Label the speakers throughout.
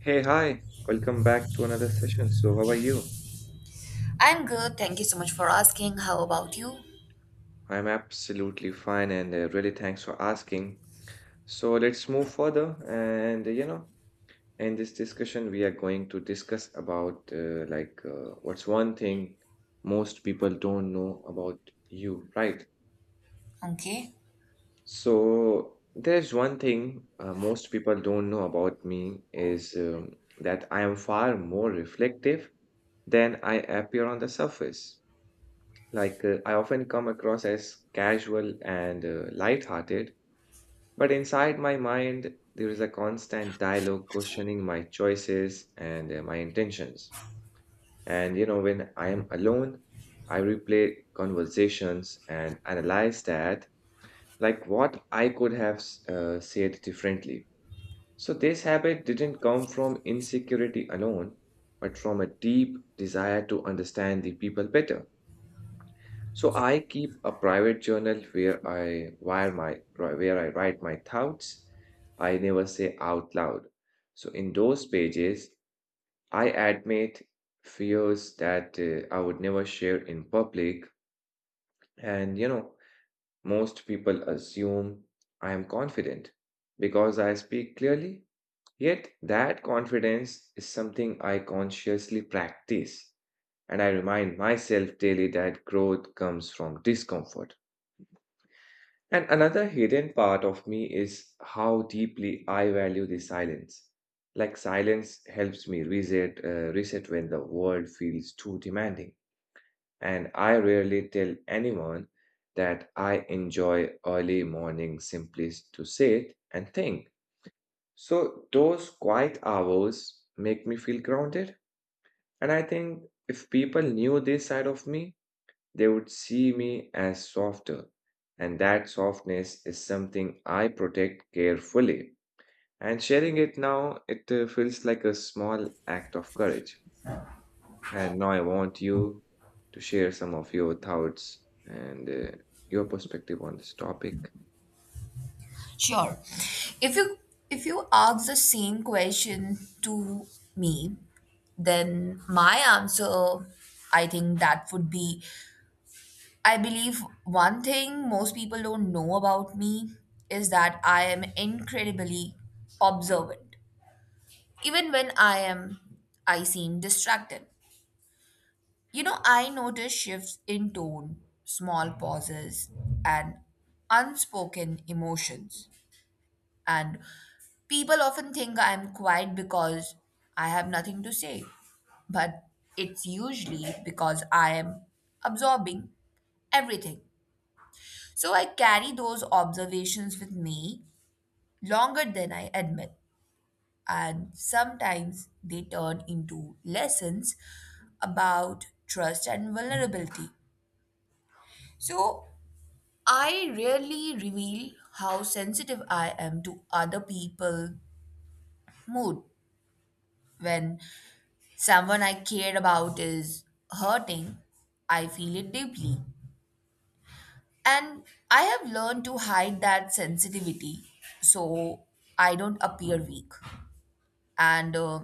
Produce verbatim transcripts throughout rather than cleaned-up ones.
Speaker 1: Hey, hi. Welcome back to another session. So, how are you?
Speaker 2: I'm good. Thank you so much for asking. How about you?
Speaker 1: I'm absolutely fine and uh, really thanks for asking. So, let's move further and uh, you know, in this discussion we are going to discuss about uh, like uh, what's one thing most people don't know about you, right?
Speaker 2: Okay.
Speaker 1: So, there's one thing uh, most people don't know about me is um, that I am far more reflective than I appear on the surface. Like, uh, I often come across as casual and uh, lighthearted, but inside my mind, there is a constant dialogue questioning my choices and uh, my intentions. And, you know, when I am alone, I replay conversations and analyze that, like what I could have s- uh, said differently. So, this habit didn't come from insecurity alone, but from a deep desire to understand the people better. So I keep a private journal where I where my where I write my thoughts I never say out loud. So in those pages, I admit fears that uh, I would never share in public, and you know, most people assume I am confident because I speak clearly. Yet that confidence is something I consciously practice, and I remind myself daily that growth comes from discomfort. And another hidden part of me is how deeply I value the silence. Like silence helps me reset, uh, reset when the world feels too demanding. And I rarely tell anyone that I enjoy early morning simply to sit and think. So those quiet hours make me feel grounded. And I think if people knew this side of me, they would see me as softer, and that softness is something I protect carefully. And sharing it now, it uh, feels like a small act of courage. And now I want you to share some of your thoughts and uh, your perspective on this topic.
Speaker 2: Sure. If you if you ask the same question to me, then my answer I think that would be I believe one thing most people don't know about me is that I am incredibly observant. Even when I am I seem distracted. You know, I notice shifts in tone, small pauses, and unspoken emotions. And people often think I'm quiet because I have nothing to say. But it's usually because I am absorbing everything. So I carry those observations with me longer than I admit. And sometimes they turn into lessons about trust and vulnerability. So I rarely reveal how sensitive I am to other people's mood. When someone I care about is hurting, I feel it deeply. And I have learned to hide that sensitivity so I don't appear weak. And uh,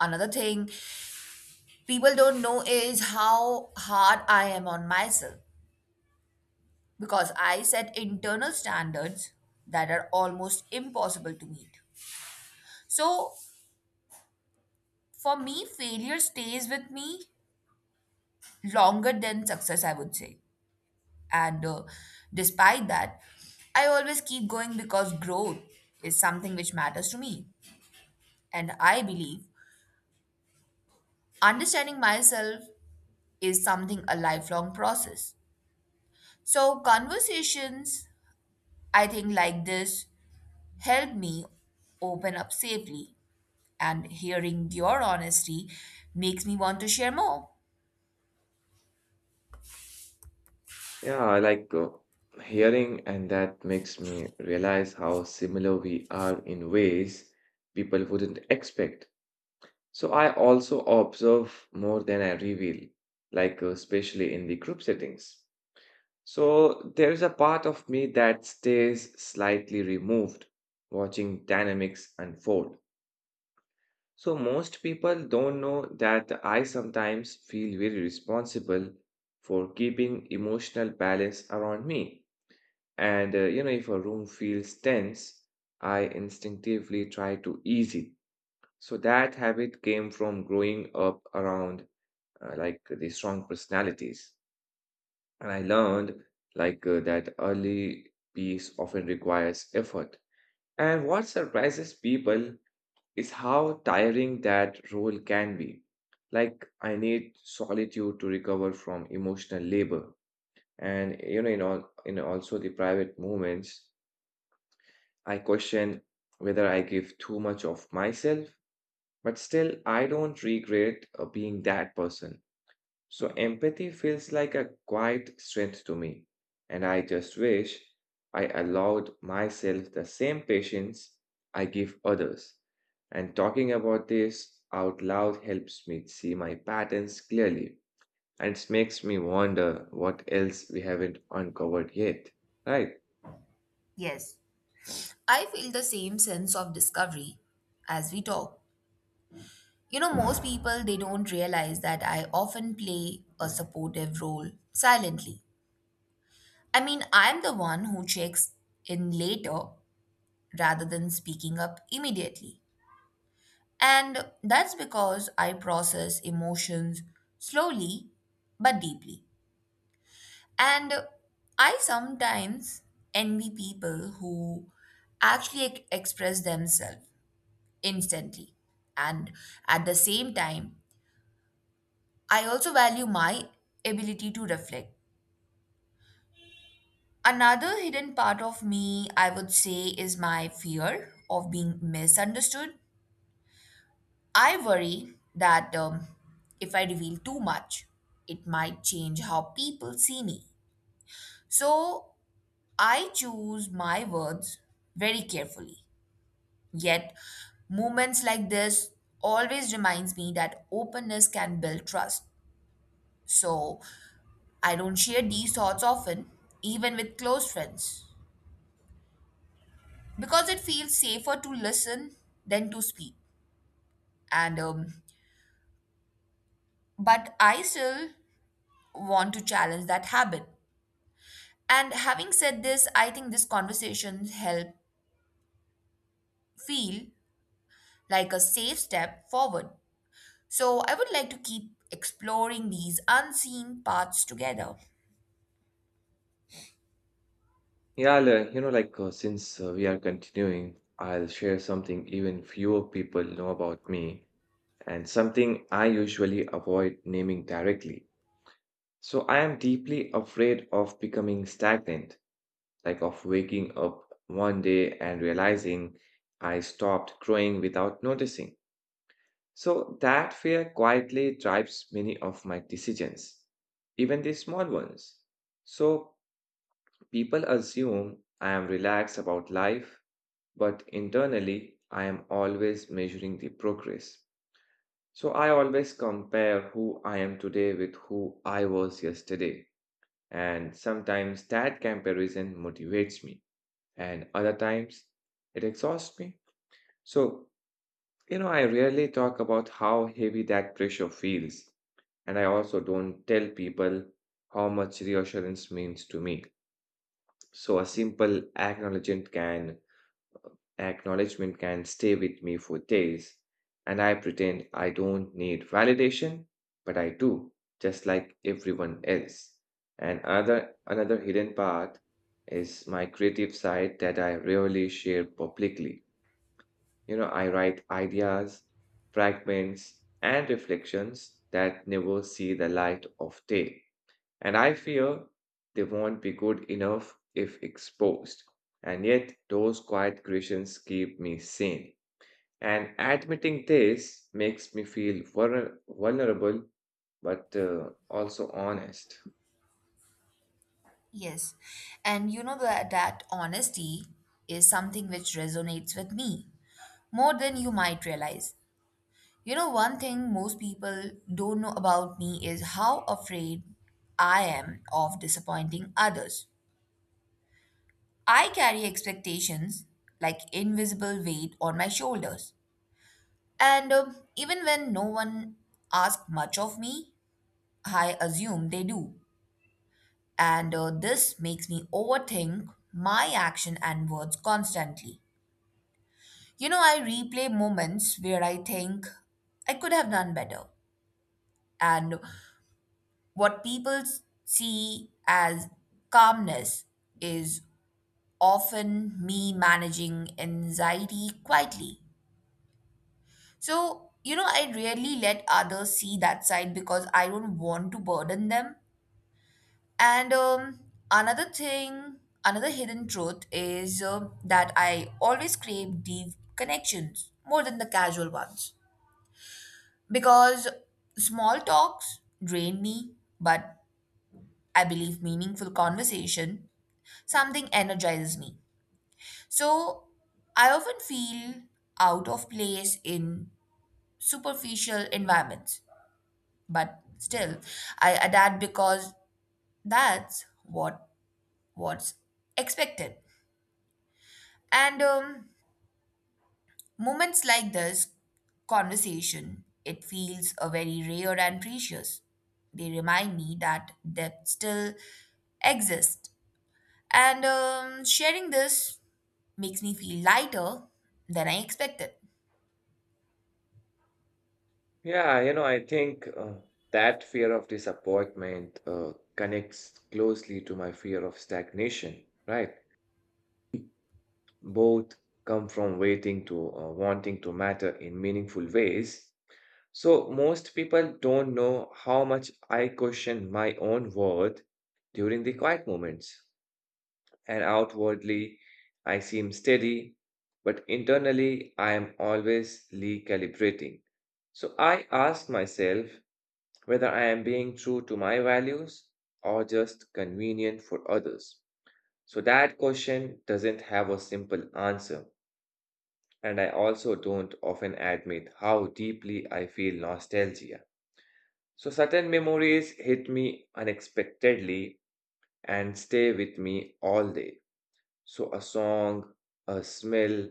Speaker 2: Another thing people don't know is how hard I am on myself because I set internal standards that are almost impossible to meet. So for me, failure stays with me longer than success, I would say. And uh, Despite that, I always keep going because growth is something which matters to me. And I believe understanding myself is something a lifelong process. So, conversations, I think, like this help me open up safely. And hearing your honesty makes me want to share more.
Speaker 1: Yeah, I like uh, hearing, and that makes me realize how similar we are in ways people wouldn't expect. So I also observe more than I reveal, like uh, especially in the group settings. So there is a part of me that stays slightly removed, watching dynamics unfold. So most people don't know that I sometimes feel very responsible for keeping emotional balance around me. And uh, you know, if a room feels tense, I instinctively try to ease it. So that habit came from growing up around uh, like the strong personalities. And I learned like uh, that early peace often requires effort. And what surprises people is how tiring that role can be. Like I need solitude to recover from emotional labor. And you know, in all in also the private moments, I question whether I give too much of myself, but still I don't regret uh, being that person. So empathy feels like a quiet strength to me, and I just wish I allowed myself the same patience I give others. And talking about this out loud helps me see my patterns clearly, and it makes me wonder what else we haven't uncovered yet. Right.
Speaker 2: Yes. I feel the same sense of discovery as we talk. You know, most people they don't realize that I often play a supportive role silently. I mean, I'm the one who checks in later rather than speaking up immediately. And that's because I process emotions slowly but deeply. And I sometimes envy people who actually ex- express themselves instantly. And at the same time, I also value my ability to reflect. Another hidden part of me, I would say, is my fear of being misunderstood. I worry that um, if I reveal too much, it might change how people see me. So I choose my words very carefully. Yet, moments like this always reminds me that openness can build trust. So I don't share these thoughts often, even with close friends, because it feels safer to listen than to speak. And um, But I still want to challenge that habit. And having said this, I think this conversation help feel like a safe step forward. So I would like to keep exploring these unseen paths together.
Speaker 1: Yeah, I'll, uh, you know, like uh, since uh, we are continuing, I'll share something even fewer people know about me and something I usually avoid naming directly. So I am deeply afraid of becoming stagnant, like of waking up one day and realizing I stopped growing without noticing. So that fear quietly drives many of my decisions, even the small ones. So people assume I am relaxed about life, but internally I am always measuring the progress. So I always compare who I am today with who I was yesterday. And sometimes that comparison motivates me, and other times it exhausts me. So, you know, I rarely talk about how heavy that pressure feels, and I also don't tell people how much reassurance means to me. So, a simple acknowledgement can acknowledgement can stay with me for days, and I pretend I don't need validation, but I do, just like everyone else. And other, another hidden part is my creative side that I rarely share publicly. You know, I write ideas, fragments, and reflections that never see the light of day. And I fear they won't be good enough if exposed. And yet, those quiet creations keep me sane. And admitting this makes me feel vulner- vulnerable, but uh, also honest.
Speaker 2: Yes. And you know that, that honesty is something which resonates with me more than you might realize. You know, one thing most people don't know about me is how afraid I am of disappointing others. I carry expectations like invisible weight on my shoulders. And um, Even when no one asks much of me, I assume they do. And uh, This makes me overthink my action and words constantly. You know, I replay moments where I think I could have done better. And what people see as calmness is often me managing anxiety quietly. So, you know, I rarely let others see that side because I don't want to burden them. And um, another thing, Another hidden truth is um that I always crave deep connections more than the casual ones because small talks drain me, but I believe meaningful conversation something energizes me. So I often feel out of place in superficial environments, but still I adapt because that's what what's expected. And um, Moments like this conversation, it feels a very rare and precious. They remind me that depth still exists. And um, Sharing this makes me feel lighter than I expected.
Speaker 1: Yeah, you know, I think uh, that fear of disappointment uh, connects closely to my fear of stagnation, right? Both come from waiting to uh, wanting to matter in meaningful ways. So, most people don't know how much I question my own worth during the quiet moments. And outwardly, I seem steady, but internally, I am always recalibrating. So, I ask myself whether I am being true to my values or just convenient for others. So, that question doesn't have a simple answer. And I also don't often admit how deeply I feel nostalgia. So, certain memories hit me unexpectedly and stay with me all day. So, a song, a smell,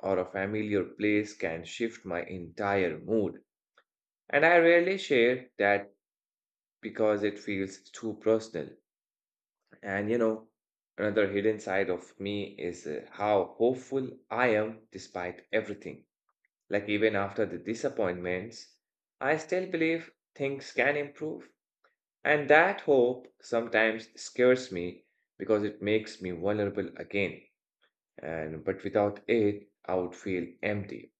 Speaker 1: or a familiar place can shift my entire mood. And I rarely share that because it feels too personal. And you know, another hidden side of me is uh, how hopeful I am despite everything. Like, even after the disappointments, I still believe things can improve. And that hope sometimes scares me because it makes me vulnerable again. And but without it, I would feel empty.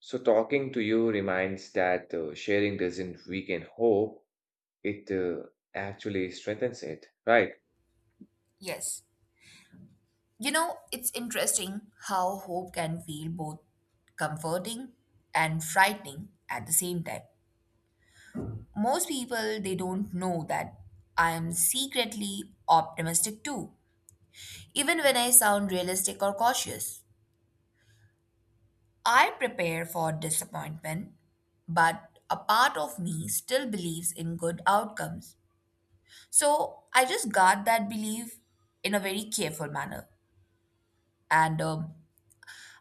Speaker 1: So talking to you reminds that uh, sharing doesn't weaken hope; it uh, actually strengthens it. Right?
Speaker 2: Yes. You know, it's interesting how hope can feel both comforting and frightening at the same time. Most people, they don't know that I am secretly optimistic too, even when I sound realistic or cautious. I prepare for disappointment, but a part of me still believes in good outcomes. So I just guard that belief in a very careful manner. And um,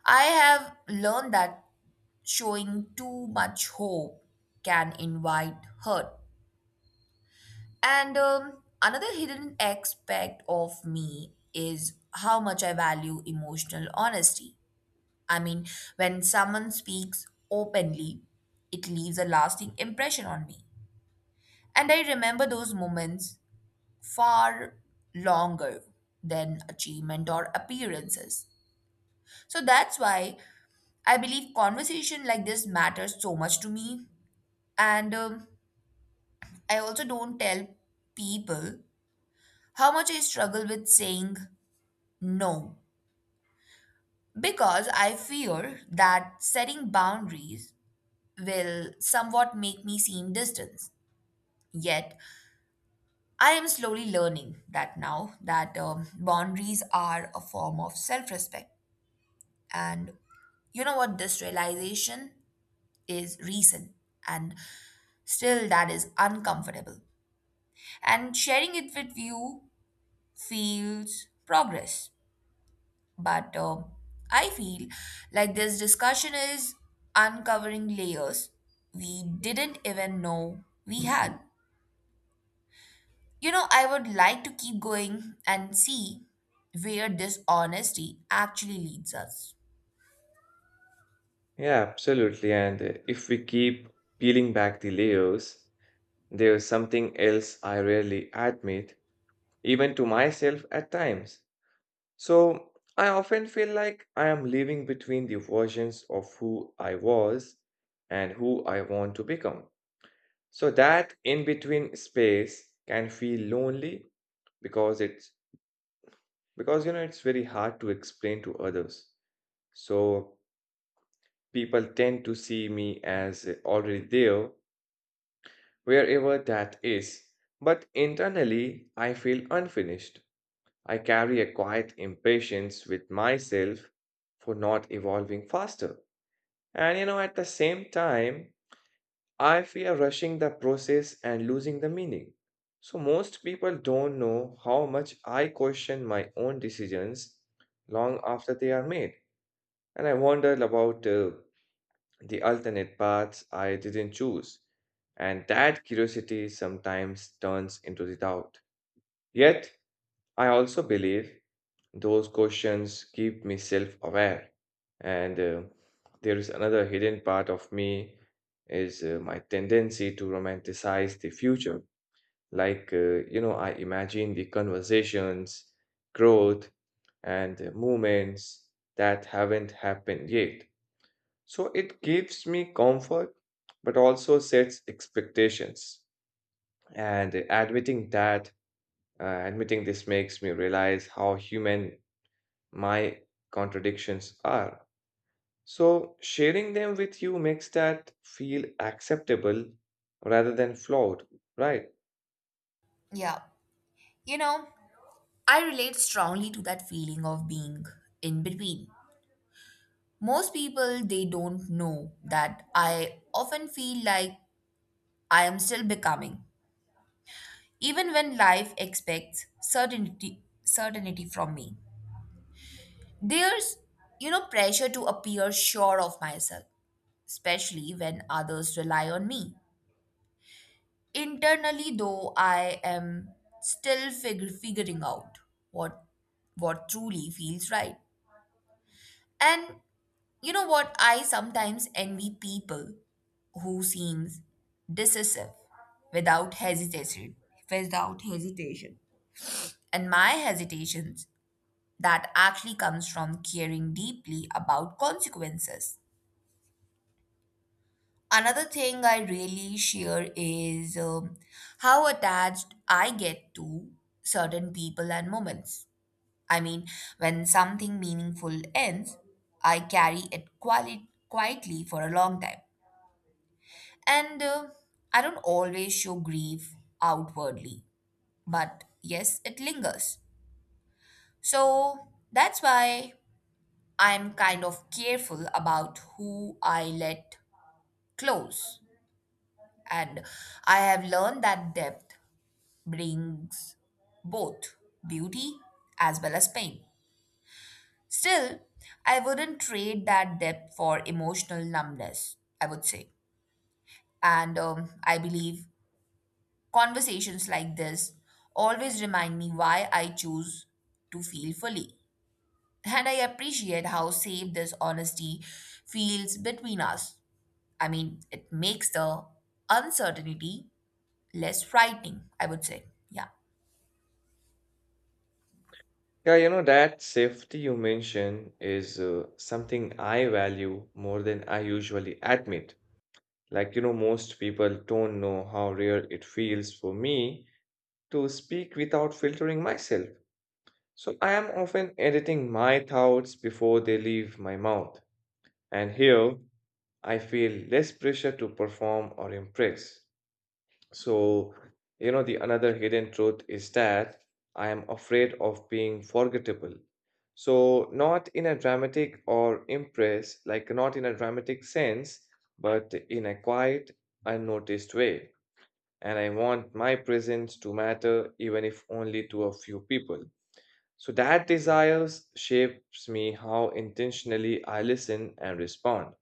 Speaker 2: I have learned that showing too much hope can invite hurt. And um, Another hidden aspect of me is how much I value emotional honesty. I mean, when someone speaks openly, it leaves a lasting impression on me. And I remember those moments far longer than achievement or appearances. So that's why I believe conversation like this matters so much to me. And um, I also don't tell people how much I struggle with saying no because I fear that setting boundaries will somewhat make me seem distant. Yet, I am slowly learning that now that um, boundaries are a form of self respect. And you know what? This realization is recent and still that is uncomfortable. And sharing it with you feels progress. But um I feel like this discussion is uncovering layers we didn't even know we had. You know, I would like to keep going and see where this honesty actually leads us.
Speaker 1: Yeah, absolutely. And uh, if we keep peeling back the layers, there's something else I rarely admit, even to myself at times. So I often feel like I am living between the versions of who I was and who I want to become. So that in between space can feel lonely because it's because you know it's very hard to explain to others. So people tend to see me as uh, already there wherever that is. But internally, I feel unfinished. I carry a quiet impatience with myself for not evolving faster. And you know, at the same time, I fear rushing the process and losing the meaning. So, most people don't know how much I question my own decisions long after they are made. And I wonder about uh, the alternate paths I didn't choose. And that curiosity sometimes turns into the doubt. Yet, I also believe those questions keep me self aware. And uh, there is another hidden part of me is uh, my tendency to romanticize the future. Like, uh, you know, I imagine the conversations, growth, and uh, movements that haven't happened yet. So it gives me comfort, but also sets expectations. And admitting that, uh, admitting this makes me realize how human my contradictions are. So, sharing them with you makes that feel acceptable rather than flawed, right?
Speaker 2: Yeah. You know, I relate strongly to that feeling of being in between. Most people, they don't know that I often feel like I am still becoming. Even when life expects certainty certainty from me, there's you know pressure to appear sure of myself, especially when others rely on me. Internally though, I am still fig- figuring out what what truly feels right. And you know what, I sometimes envy people who seems decisive without hesitation without hesitation. And my hesitations that actually comes from caring deeply about consequences. Another thing I really share is um, how attached I get to certain people and moments. I mean, when something meaningful ends, I carry it quali- quietly for a long time. And uh, I don't always show grief outwardly, but yes, it lingers. So that's why I'm kind of careful about who I let close. And I have learned that depth brings both beauty as well as pain. Still, I wouldn't trade that depth for emotional numbness, I would say. And um, I believe conversations like this always remind me why I choose to feel fully. And I appreciate how safe this honesty feels between us. I mean, it makes the uncertainty less frightening, I would say. Yeah.
Speaker 1: Yeah, you know, that safety you mention is uh, something I value more than I usually admit. Like, you know, most people don't know how rare it feels for me to speak without filtering myself. So, I am often editing my thoughts before they leave my mouth. And here, I feel less pressure to perform or impress. So, you know, the another hidden truth is that I am afraid of being forgettable. So, not in a dramatic or impress, like not in a dramatic sense, but in a quiet, unnoticed way. And I want my presence to matter, even if only to a few people. So, that desires shapes me how intentionally I listen and respond.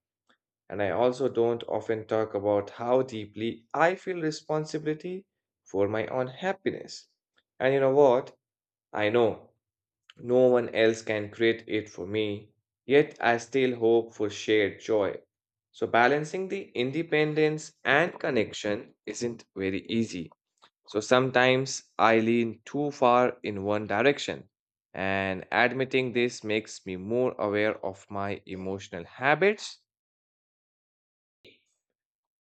Speaker 1: And I also don't often talk about how deeply I feel responsibility for my own happiness. And you know what? I know no one else can create it for me, yet I still hope for shared joy. So, balancing the independence and connection isn't very easy. So, sometimes I lean too far in one direction. And admitting this makes me more aware of my emotional habits.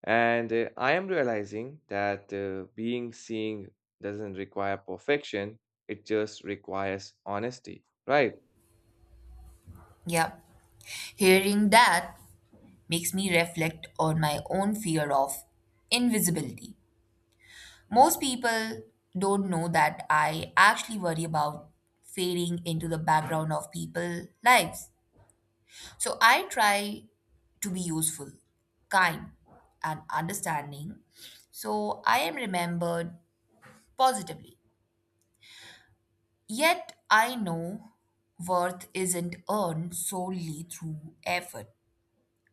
Speaker 1: And uh, I am realizing that uh, being seeing doesn't require perfection, it just requires honesty, right?
Speaker 2: Yeah. Hearing that makes me reflect on my own fear of invisibility. Most people don't know that I actually worry about fading into the background of people's lives. So I try to be useful, kind, and understanding so I am remembered positively. Yet I know worth isn't earned solely through effort.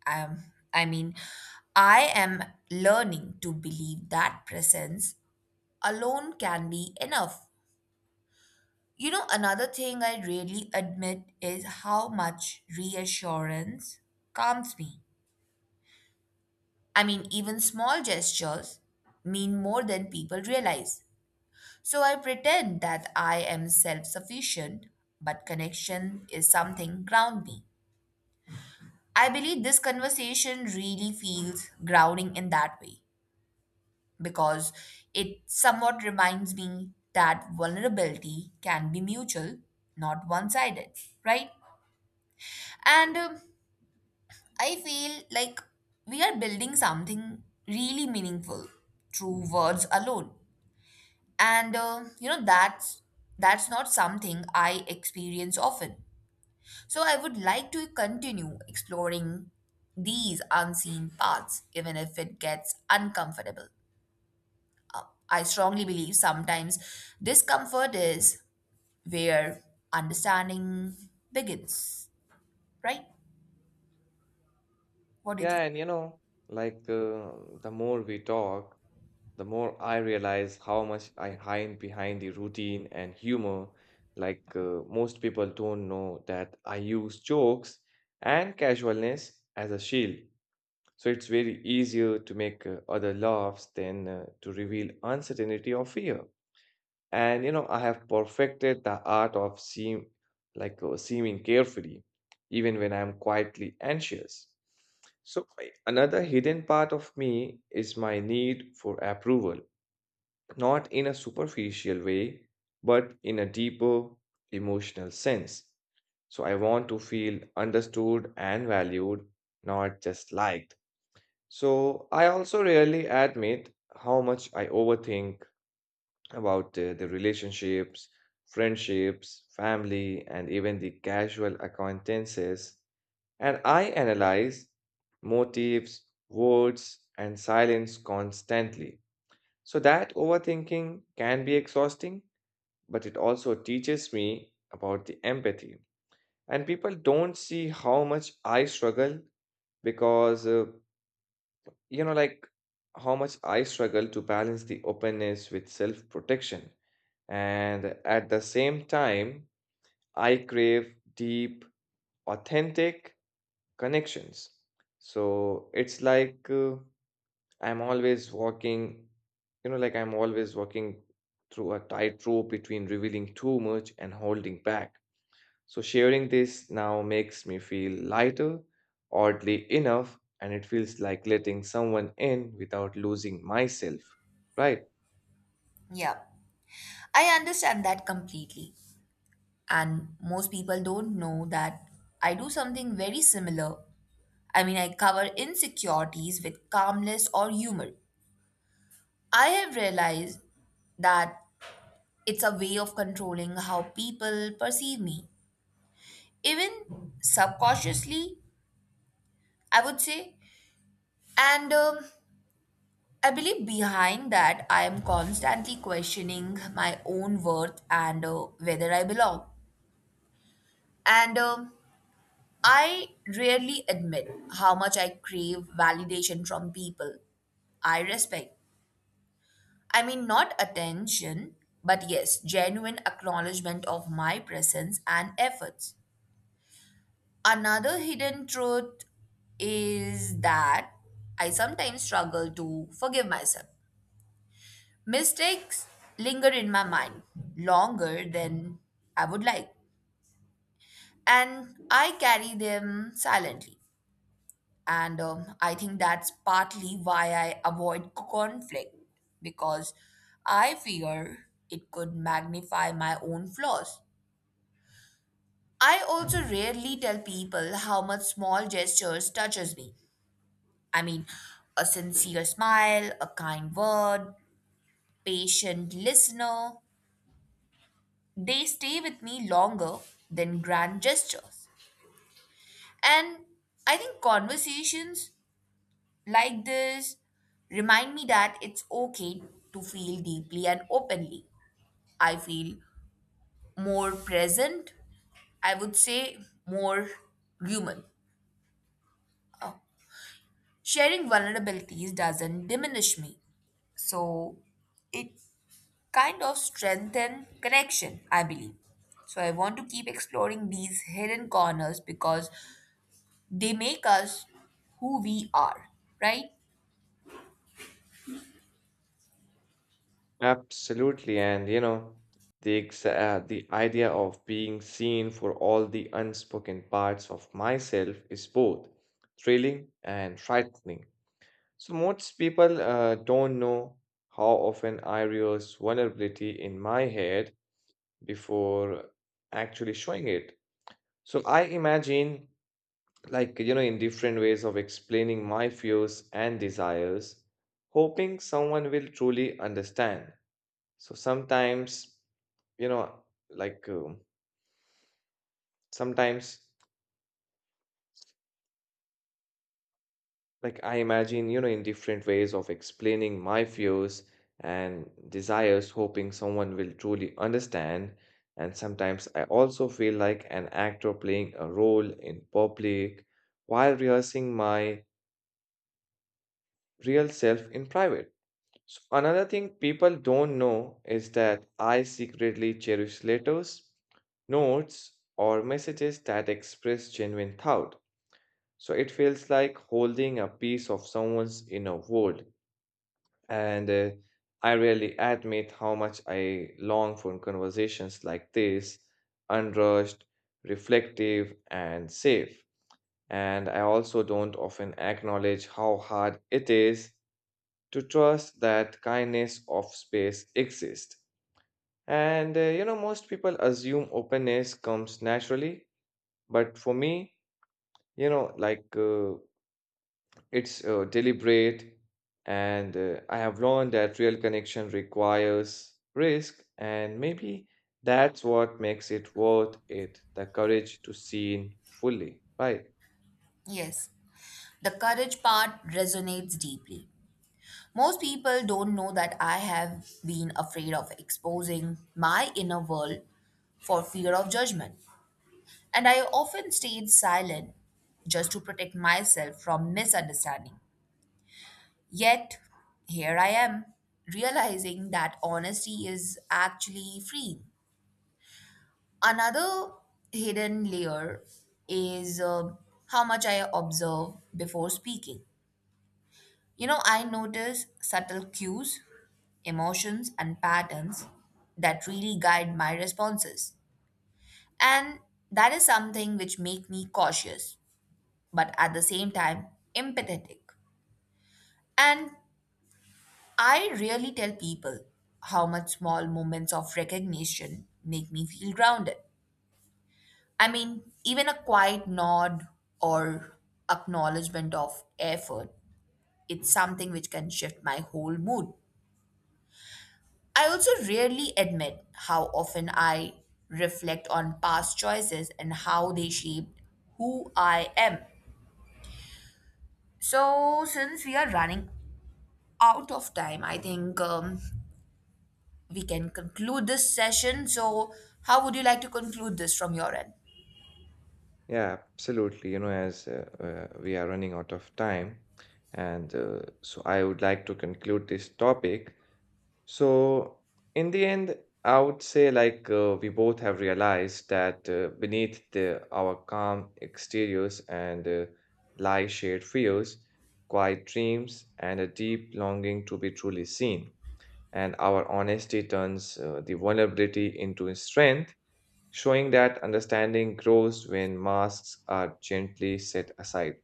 Speaker 2: Um, I mean, I am learning to believe that presence alone can be enough. You know, another thing I really admit is how much reassurance calms me. I mean, even small gestures mean more than people realize. So I pretend that I am self sufficient, but connection is something ground me. I believe this conversation really feels grounding in that way because it somewhat reminds me that vulnerability can be mutual, not one sided, right? And um, I feel like we are building something really meaningful through words alone. And uh, you know that's that's not something I experience often. So I would like to continue exploring these unseen paths, even if it gets uncomfortable. I strongly believe sometimes discomfort is where understanding begins, right? What do you
Speaker 1: Yeah,
Speaker 2: think?
Speaker 1: and you know, like uh, the more we talk, the more I realize how much I hide behind the routine and humor. Like uh, most people don't know that I use jokes and casualness as a shield. So it's very easier to make uh, other laughs than uh, to reveal uncertainty or fear. And you know, I have perfected the art of seem like uh, seeming carefree even when I'm quietly anxious. So I- another hidden part of me is my need for approval, not in a superficial way, but in a deeper emotional sense. So I want to feel understood and valued, not just liked. So I also rarely admit how much I overthink about uh, the relationships, friendships, family, and even the casual acquaintances. And I analyze motives, words, and silence constantly. So that overthinking can be exhausting, but it also teaches me about the empathy. And people don't see how much I struggle because, uh, you know, like how much I struggle to balance the openness with self protection. And at the same time, I crave deep, authentic connections. So it's like uh, I'm always walking, you know, like I'm always walking through a tightrope between revealing too much and holding back. So sharing this now makes me feel lighter, oddly enough, and it feels like letting someone in without losing myself, right?
Speaker 2: Yeah, I understand that completely. And most people don't know that I do something very similar. I mean, I cover insecurities with calmness or humor. I have realized that it's a way of controlling how people perceive me, even subconsciously, I would say. And um, I believe behind that, I am constantly questioning my own worth and uh, whether I belong. And um, I rarely admit how much I crave validation from people I respect. I mean, not attention, but yes, genuine acknowledgement of my presence and efforts. Another hidden truth is that I sometimes struggle to forgive myself. Mistakes linger in my mind longer than I would like, and I carry them silently. And um, I think that's partly why I avoid conflict because I fear it could magnify my own flaws. I also rarely tell people how much small gestures touches me. I mean, a sincere smile, a kind word, patient listener, they stay with me longer than grand gestures. And I think conversations like this remind me that it's okay to feel deeply and openly. I feel more present, I would say, more human. Sharing vulnerabilities doesn't diminish me. So it kind of strengthen connection, I believe. So I want to keep exploring these hidden corners because they make us who we are, right?
Speaker 1: Absolutely, and you know, the exa- uh, the idea of being seen for all the unspoken parts of myself is both thrilling and frightening. So most people uh, don't know how often I rehearse vulnerability in my head before actually showing it. So I imagine, like you know, in different ways of explaining my fears and desires, hoping someone will truly understand. So sometimes, you know, like um, sometimes, like I imagine, you know, in different ways of explaining my views and desires, hoping someone will truly understand. And sometimes I also feel like an actor playing a role in public while rehearsing my real self in private. So another thing people don't know is that I secretly cherish letters, notes, or messages that express genuine thought. So it feels like holding a piece of someone's inner world. And uh, I really admit how much I long for conversations like this, unrushed, reflective, and safe. And I also don't often acknowledge how hard it is to trust that kindness of space exists. And uh, you know, most people assume openness comes naturally, but for me, you know, like uh, it's uh, deliberate, and uh, I have learned that real connection requires risk, and maybe that's what makes it worth it, the courage to see in fully, right?
Speaker 2: Yes. The courage part resonates deeply. Most people don't know that I have been afraid of exposing my inner world for fear of judgment. And I often stayed silent just to protect myself from misunderstanding. Yet, here I am, realizing that honesty is actually free. Another hidden layer is uh, how much I observe before speaking. You know, I notice subtle cues, emotions, and patterns that really guide my responses. And that is something which make me cautious, but at the same time empathetic. And I rarely tell people how much small moments of recognition make me feel grounded. I mean, even a quiet nod or acknowledgement of effort, it's something which can shift my whole mood. I also rarely admit how often I reflect on past choices and how they shaped who I am. So, since we are running out of time, I think um, we can conclude this session. So, how would you like to conclude this from your end?
Speaker 1: Yeah, absolutely. You know, as uh, uh, we are running out of time, and uh, so I would like to conclude this topic. So, in the end, I would say like uh, we both have realized that uh, beneath the, our calm exteriors and uh, lie shared fears, quiet dreams, and a deep longing to be truly seen. And our honesty turns uh, the vulnerability into strength, showing that understanding grows when masks are gently set aside.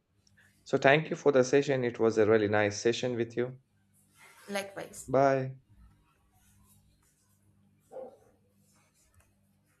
Speaker 1: So, thank you for the session. It was a really nice session with you.
Speaker 2: Likewise.
Speaker 1: Bye.